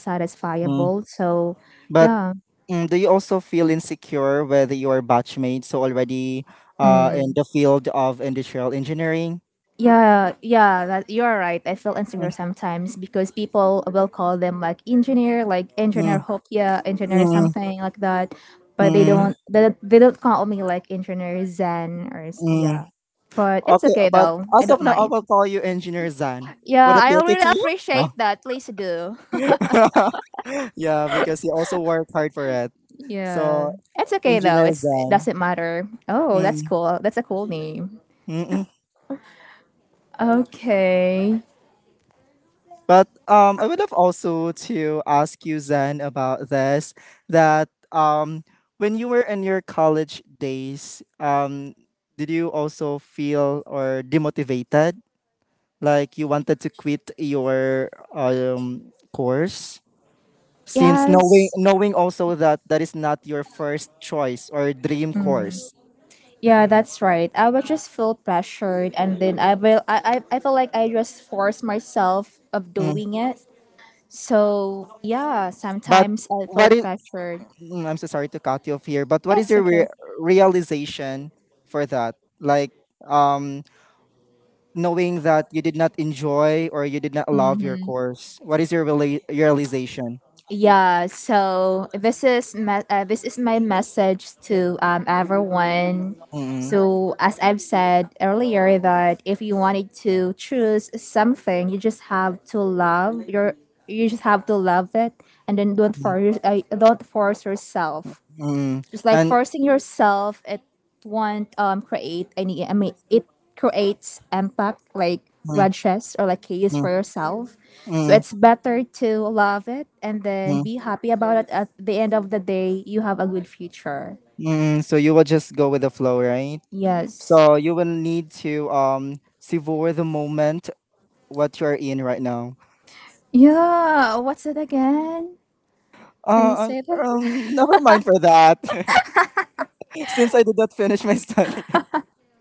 mm. satisfiable. So But yeah. mm, do you also feel insecure with your batchmates so already in the field of industrial engineering? Yeah, yeah, that you are right. I feel Mm, insecure sometimes because people will call them like mm, engineer hope, yeah, engineer mm, something like that, but mm, they don't call me like engineer Zen or s- mm. yeah. But it's Okay, okay but though. as I of don't now, I mind. will call you Engineer Zan. Would Yeah, that be I okay really to you? Ah. appreciate that. Please do. Yeah, because you also work hard for it. So, Yeah. It's okay though. Engineer It's it Zan. doesn't matter. Oh, that's Mm, cool. That's a cool name. mm-mm. Okay. But I would have also to ask you, Zan, about this. That when you were in your college days, did you also feel or demotivated? Like you wanted to quit your course since knowing Yes. knowing also that that is not your first choice or dream course. Yeah, that's right. I was just feel pressured, and then I will. I feel like I just force myself of Mm. doing it. So yeah, But sometimes I feel what is pressured. mm, I'm so sorry to cut you off here but what is It's your okay. realization for that, like, um knowing that you did not enjoy or you did not love Mm. your course, what is your realization? Yeah, so this is my message to everyone. Mm, So as I've said earlier, that if you wanted to choose something, you just have to love your you just have to love it, and then mm, don't force yourself, mm. just like And forcing yourself it won't create any I mean it creates impact like mm, grudges or like chaos mm, for yourself. So mm, it's better to love it and then mm, be happy about it. At the end of the day you have a good future. mm. So you will just go with the flow, right? Yes. So you will need to savor the moment what you're in right now. Yeah, what's it again? Can you Uh, say uh, that? um, never mind for that. Since I did not finish my study,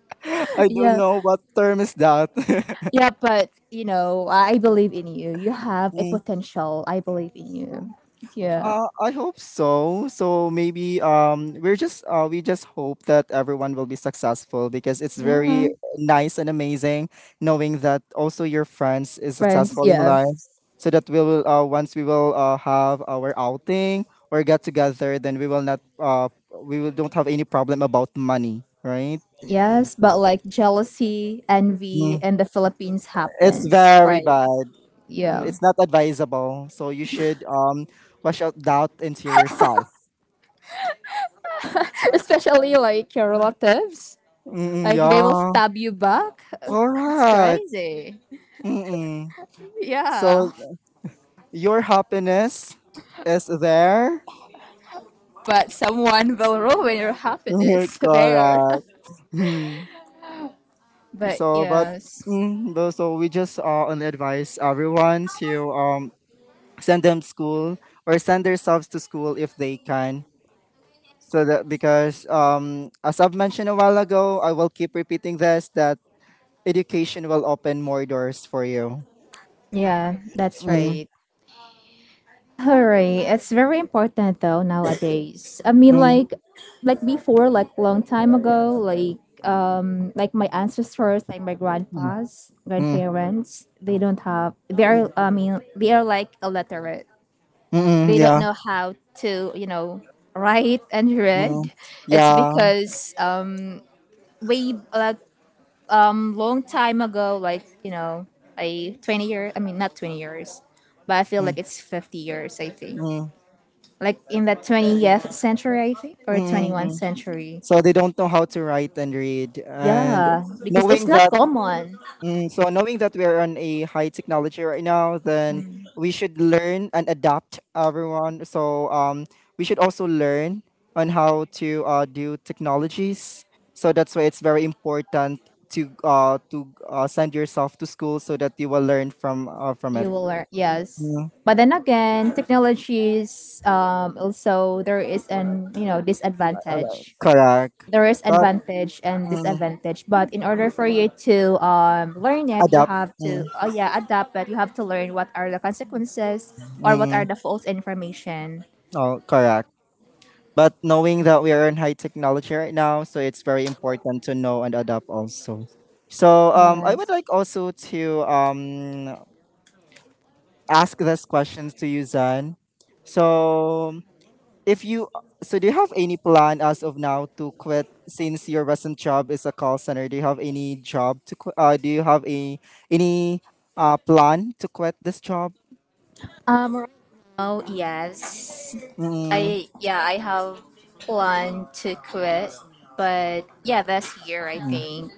I don't Yeah. know what term is that. Yeah, but you know I believe in you, you have a Mm. potential, I believe in you. Yeah. I hope so. So maybe we're just we just hope that everyone will be successful because it's very Yeah, nice and amazing knowing that also your friends is friends, successful in yeah. life. So that we will once we will have our outing or get together, then we will not we will don't have any problem about money, right? Yes, but like jealousy, envy Mm, in the Philippines it's happens. very Right. bad. Mm, Yeah. it's not advisable. So you should wash out doubt into yourself. Especially like your relatives. Mm, Like they yeah. will stab you back. It's Correct. crazy. Mm-mm. Yeah. So your happiness is there. But someone will ruin your happiness there. Correct. Hmm. But So, yes. But so we just only advise everyone to send them school or send themselves to school if they can. So that because as I've mentioned a while ago, I will keep repeating this that education will open more doors for you. Yeah, that's Mm, right. All right, it's very important though nowadays. I mean, mm, like before, like long time ago, like my ancestors, like my mm, grandpas, mm, mm, grandparents, they don't have. They are. I mean, they are like illiterate. mm, They don't yeah. know how to, you know, write and Mm, read. It's yeah. because way like long time ago, like you know, like 20 years. I mean, not 20 years, but I feel Mm, like it's 50 years. I think mm. like in the 20th century, I think, or 21st Mm, century. so they don't know how to write and read. And Yeah, because it's knowing not that, common. mm, so knowing that we're on a high technology right now, then we should learn and adapt everyone. So we should also learn on how to do technologies. So that's why it's very important to send yourself to school so that you will learn from it. You will learn, yes. Mm, But then again, technologies also there is an you know disadvantage. correct. There is But advantage and mm, disadvantage, but in order for you to learn it, you adapt. have Mm, to oh yeah adapt. But you have to learn what are the consequences or what are mm, the false information. oh, correct. But knowing that we are in high technology right now, so it's very important to know and adapt also. So I would Yes. like also to ask this questions to you, Zan. So if you so do you have any plan as of now to quit since your recent job is a call center? Do you have any job to quit? Do you have a any plan to quit this job? Right now, yes. Mm, I have planned to quit, but yeah, this year I mm, think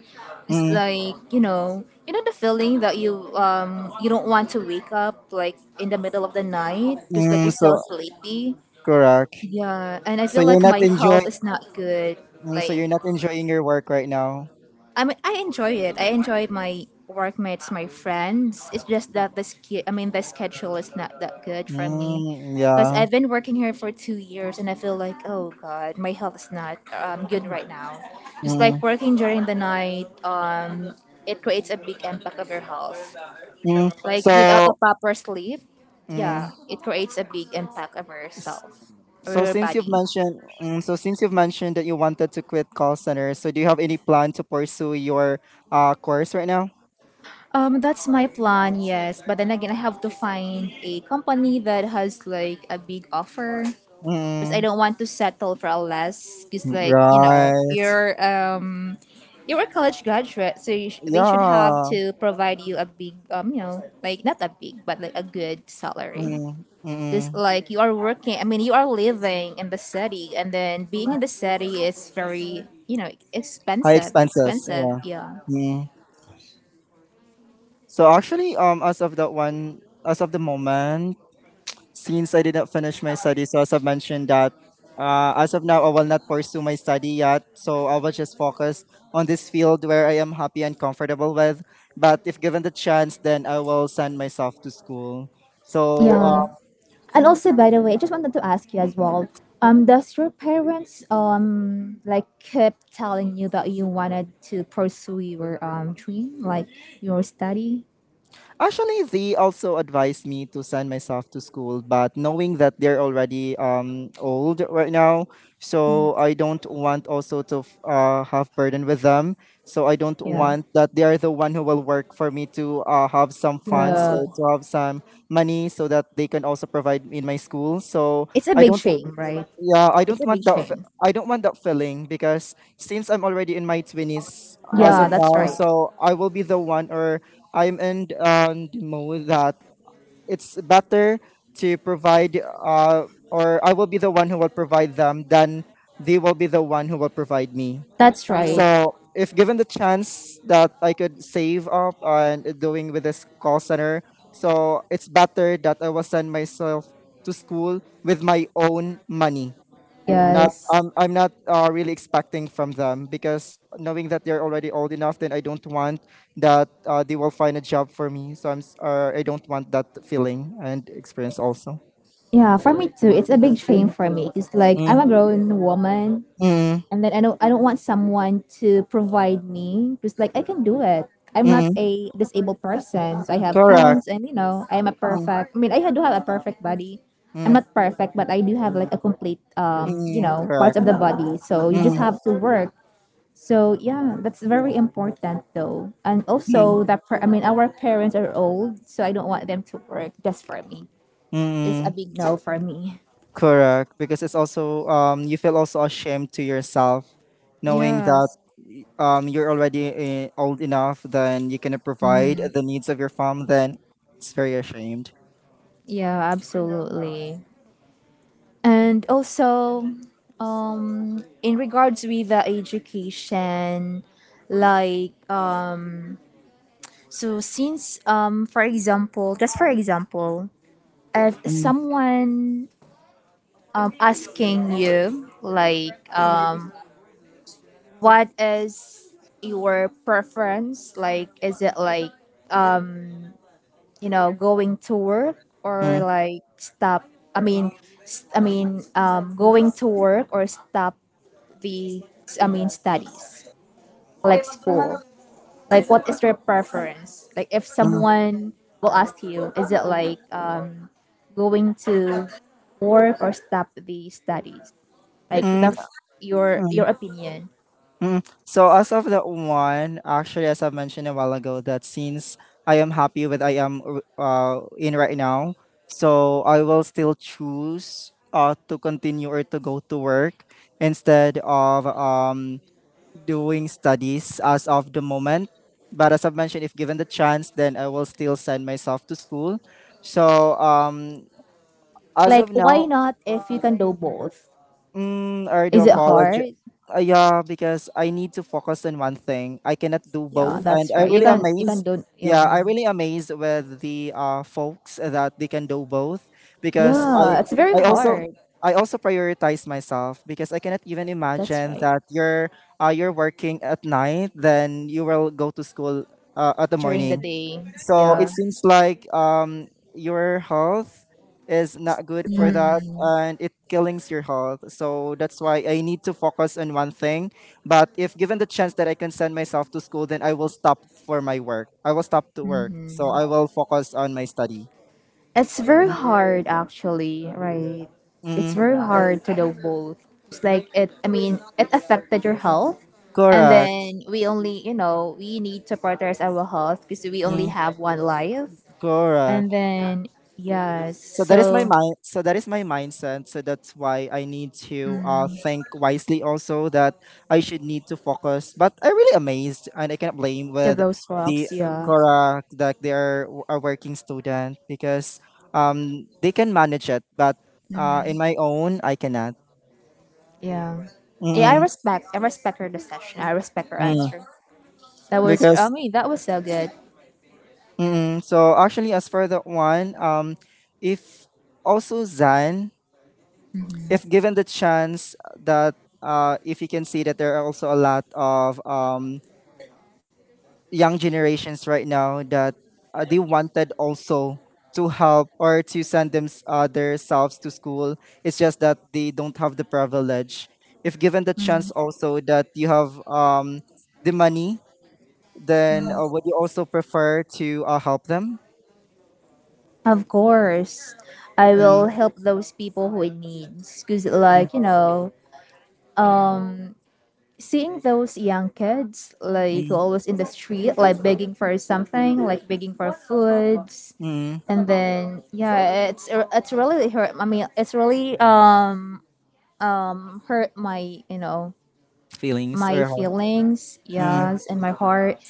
it's mm, like, you know the feeling that you you don't want to wake up like in the middle of the night because like mm, you're still so sleepy. correct. Yeah, and I So feel you're like not my health enjoying. is not good. Mm, so Like you're not enjoying your work right now. I mean, I enjoy it. I enjoy my workmates, my friends. It's just that I mean, the schedule is not that good for me, Mm, because yeah. I've been working here for 2 years, and I feel like, oh God, my health is not good right now. Just like Mm, working during the night, it creates a big impact of your health. mm. Like without a So, proper sleep, yeah, mm, it creates a big impact of s- yourself or so your since you've body. mentioned, so since you've mentioned that you wanted to quit call center, so do you have any plan to pursue your course right now? That's my plan, yes. But then again, I have to find a company that has like a big offer because I Mm, don't want to settle for a less. Because like you know, right. You're a college graduate, so you they should have Yeah. to provide you a big you know, like not a big, but like a good salary. Mm, Because mm. like you are working, I mean, you are living in the city, and then being in the city is very you know High expensive, expenses. expensive, Yeah. yeah. Mm. So actually, as of that one, as of the moment, since I did not finish my studies, so as I've mentioned that as of now, I will not pursue my study yet. So I will just focus on this field where I am happy and comfortable with. But if given the chance, then I will send myself to school. So Yeah, and also, by the way, I just wanted to ask you as well. Does your parents like keep telling you that you wanted to pursue your dream, like your study? actually, they also advised me to send myself to school, but knowing that they're already old right now, so I don't want also to have burden with them. So I don't Yeah, want that they are the one who will work for me to have some funds yeah. or to have some money so that they can also provide in my school. So It's a I big don't shame, right? yeah, I It's don't a big want that. Shame. I don't want that feeling because since I'm already in my twenties as Yeah, of that's now, right. so I will be the one, or I'm in the mode that it's better to provide, or I will be the one who will provide them than they will be the one who will provide me. That's right. So if given the chance that I could save up on doing with this call center, so it's better that I will send myself to school with my own money not Yes. I'm not really expecting from them because knowing that they're already old enough, then I don't want that they will find a job for me. So I'm I don't want that feeling and experience also. Yeah, for me too. It's a big shame for me. It's like Mm, I'm a grown woman, mm, and then I don't want someone to provide me because like I can do it. I'm not mm, a disabled person, so I have correct. hands, and I'm a Mm, perfect. I mean, I do have a perfect body. I'm mm, not perfect, but I do have like a complete mm, parts of correct. the body. So you just Mm, have to work. So yeah, that's very important though. And mm, also I mean, our parents are old, so I don't want them to work just for me. There's a mm, big no for me. correct. Because it's also you feel also ashamed to yourself, knowing that Yes. You're already old enough, then you cannot provide Mhm. the needs of your mom. Then it's very ashamed. Yeah, absolutely. And also, in regards with the education, like so since for example, just for example, if Mm, someone asking you like, what is your preference, like is it like, you know, going to work or mm, like stop, i mean I mean, going to work or stop the studies, like school, like what is their preference, like if mm, someone will ask you, is it like, going to work or stop the studies, like mm, the f- your mm, opinion, mm. So as of that one, actually, as I mentioned a while ago, that since I am happy with in right now, so I will still choose to continue or to go to work instead of doing studies as of the moment. But as I've mentioned, if given the chance, then I will still send myself to school. So as of like why now, not if you can do both, mm, I do is it apologize. hard? Yeah, because I need to focus on one thing. I cannot do Yeah both, and That's I right, you really can amazed. do Yeah, I really amazed with the folks that they can do both because yeah, it's very I also hard, I also prioritize myself because I cannot even that's imagine right, that you're working at night, then you will go to school at the during the morning. day, So yeah. it seems like your health is not good for that Mm-hmm. and it killings your health. So that's why I need to focus on one thing. But if given the chance that I can send myself to school, then I will stop for my work. I will stop to work. So I Mm-hmm. will focus on my study. It's very hard actually, right? It's Mm, very hard to do both. It's like it I mean, it affected your health. And correct. then we only, you know, we need to prioritize our health because we only Mm, have one life. correct. And then yeah, So that is my so mind. So that is my mindset. So that's why I need to mm, think wisely. Also, that I should need to focus. But I really amazed, and I cannot blame to with those the rocks, yeah. correct that they are a working student because they can manage it. But Mm, in my own, I cannot. yeah. Yeah, Mm-mm, I respect her decision. I respect her mm, answer. That was, I because mean, that was so good. mm, so actually, as for that one, if also Zan if given the chance that if you can see that there are also a lot of young generations right now that they wanted also to help or to send them their selves to school it's just that they don't have the privilege if given the Mm. chance also that you have the money then Mm. Would you also prefer to help them. Of course, I Mm, will help those people who in needs. Cause mm, like, you know, um, seeing those young kids like mm, always in the street, like begging for something, like begging for foods, mm. and then yeah, it's really hurt. I mean, it's really hurt my, you know, Feelings my or how? feelings, Mm, yes, and my heart,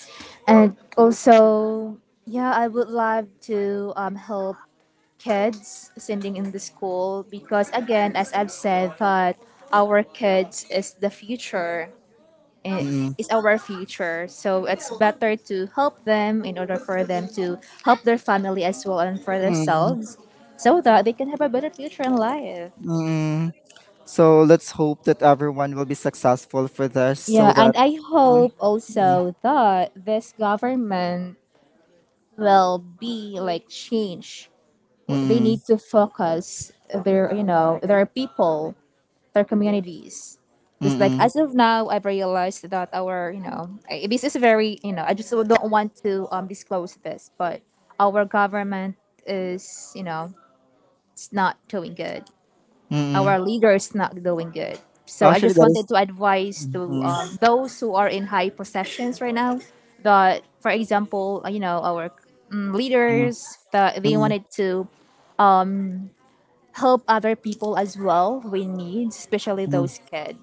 and also yeah, I would love to help kids sending in the school, because again, as I've said that, our kids is the future, eh, mm, is our future. So it's better to help them in order for them to help their family as well, and for mm, mm, themselves, so that they can have a better future in life. mm. So let's hope that everyone will be successful for this so Yeah, that and I mm, hope also that this government will be like change. They mm, need to focus their, you know, their people, their communities. Because like mm, as of now, I've realized that our, you know, this is very, you know, I just don't want to disclose this, but our government is, you know, it's not doing good. mm, mm. Our leader is not doing good. So I Actually just that is wanted to advise mm, to mm, those who are in high positions right now, that, for example, you know, our, mm, mm, leaders, that they mm, wanted to um, help other people as well with needs, especially mm, those kids.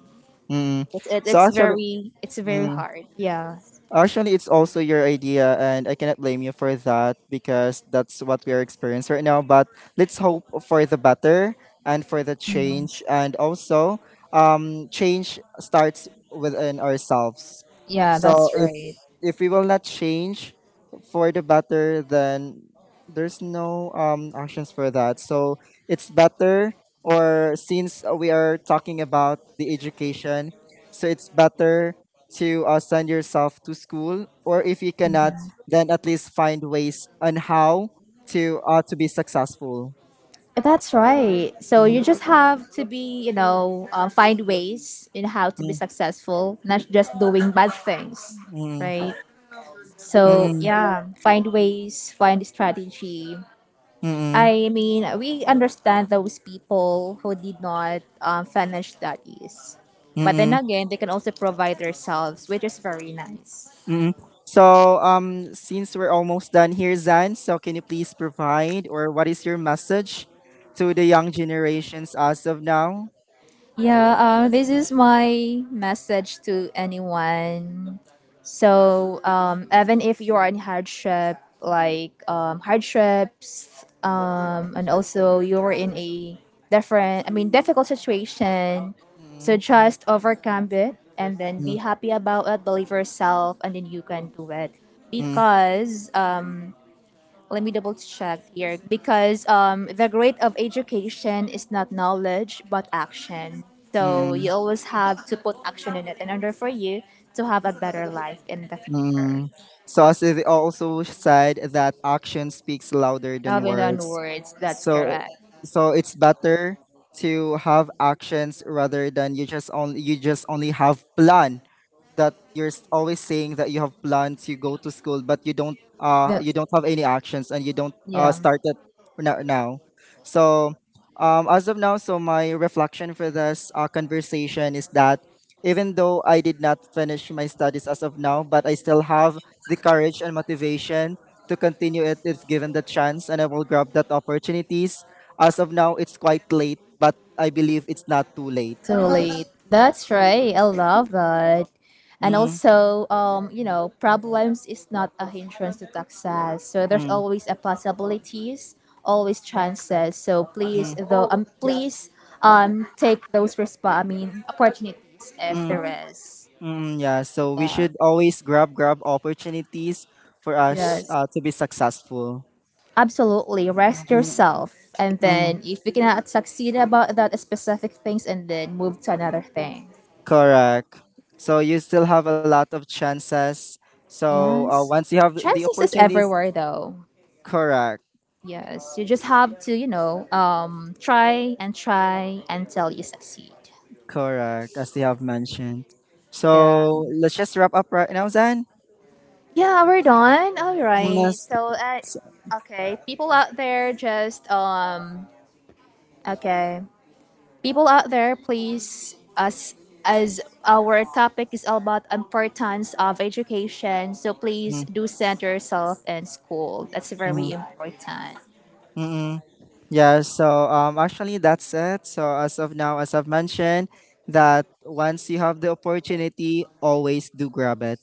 mm. So It's actually very, it's very mm, hard. Yeah, actually, it's also your idea, and I cannot blame you for that because that's what we are experiencing right now. But let's hope for the better and for the change, and also, change starts within ourselves. yeah, So that's right. if we will not change for the better, then there's no actions for that. So it's better, or since we are talking about the education, so it's better to send yourself to school, or if you cannot, Mhm. then at least find ways on how to be successful. That's right. So you Mm, just have to be, you know, find ways in how to be mm, successful, not just doing bad things, mm, right? So mm, yeah, find ways, find strategy. mm, I mean, we understand those people who did not finish studies, but then mm, again, they can also provide themselves, which is very nice. mm. So, since we're almost done here, Zan, so can you please provide or what is your message to the young generations as of now? Yeah, this is my message to anyone. So, even if you are in hardship, like hardships, and also you're in a I mean, difficult situation, Mm, so just overcome it and then mm, be happy about it, believe yourself, and then you can do it. mm, Because let me double check here because the grade of education is not knowledge but action. So mm, you always have to put action in it in order for you to have a better life in the future. mm. Sauce is also said that action speaks louder than Having done words. words, that's So correct. so it's better to have actions rather than you just only have plan that you're always saying that you have plans, you go to school, but That, you don't have any actions and you don't yeah. start it now. So as of now, so my reflection for this conversation is that even though I did not finish my studies as of now, but I still have the courage and motivation to continue it if given the chance and I will grab that opportunities. As of now, it's quite late, but I believe it's not too late. Totally. That's right. I love that. And Mm, also, you know, problems is not a hindrance to success. So there's mm, always a possibilities, always chances. So please, mm, though, please, take I mean, opportunities if mm. there is. Mm, yeah, so we Yeah. should always grab opportunities for us Yes. To be successful. Absolutely. Rest Mm, yourself, and mm, then if you cannot succeed about that specific things, and then move to another thing. correct. So you still have a lot of chances. So Yes. once you have the Chances is opportunities, everywhere, though. correct, Yes, you just have to, you know, try and try until you succeed. correct, as they have mentioned. Yeah. So let's just wrap up right now, Zan. Yeah, we're done. All right. Yes. So, So, okay, people out there, just okay, people out there, please, us, as our topic is all about importance of education. So mm, please do center yourself in school. That's mm, very important. mm, mm. Yeah, so actually that's it. So as of now, as I've mentioned, that once you have the opportunity, always do grab it.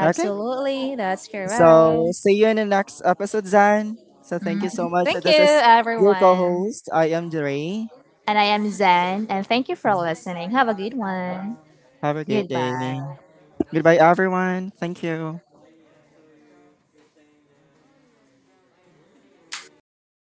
Okay? that's correct. So see you in the next episode, Zan. So thank you so Mhm. much. Thank you, This is your everyone. co-host. I am Dre. And I am Zen, and thank you for listening. Have a good one. Have a great day. Goodbye. Goodbye everyone. Thank you.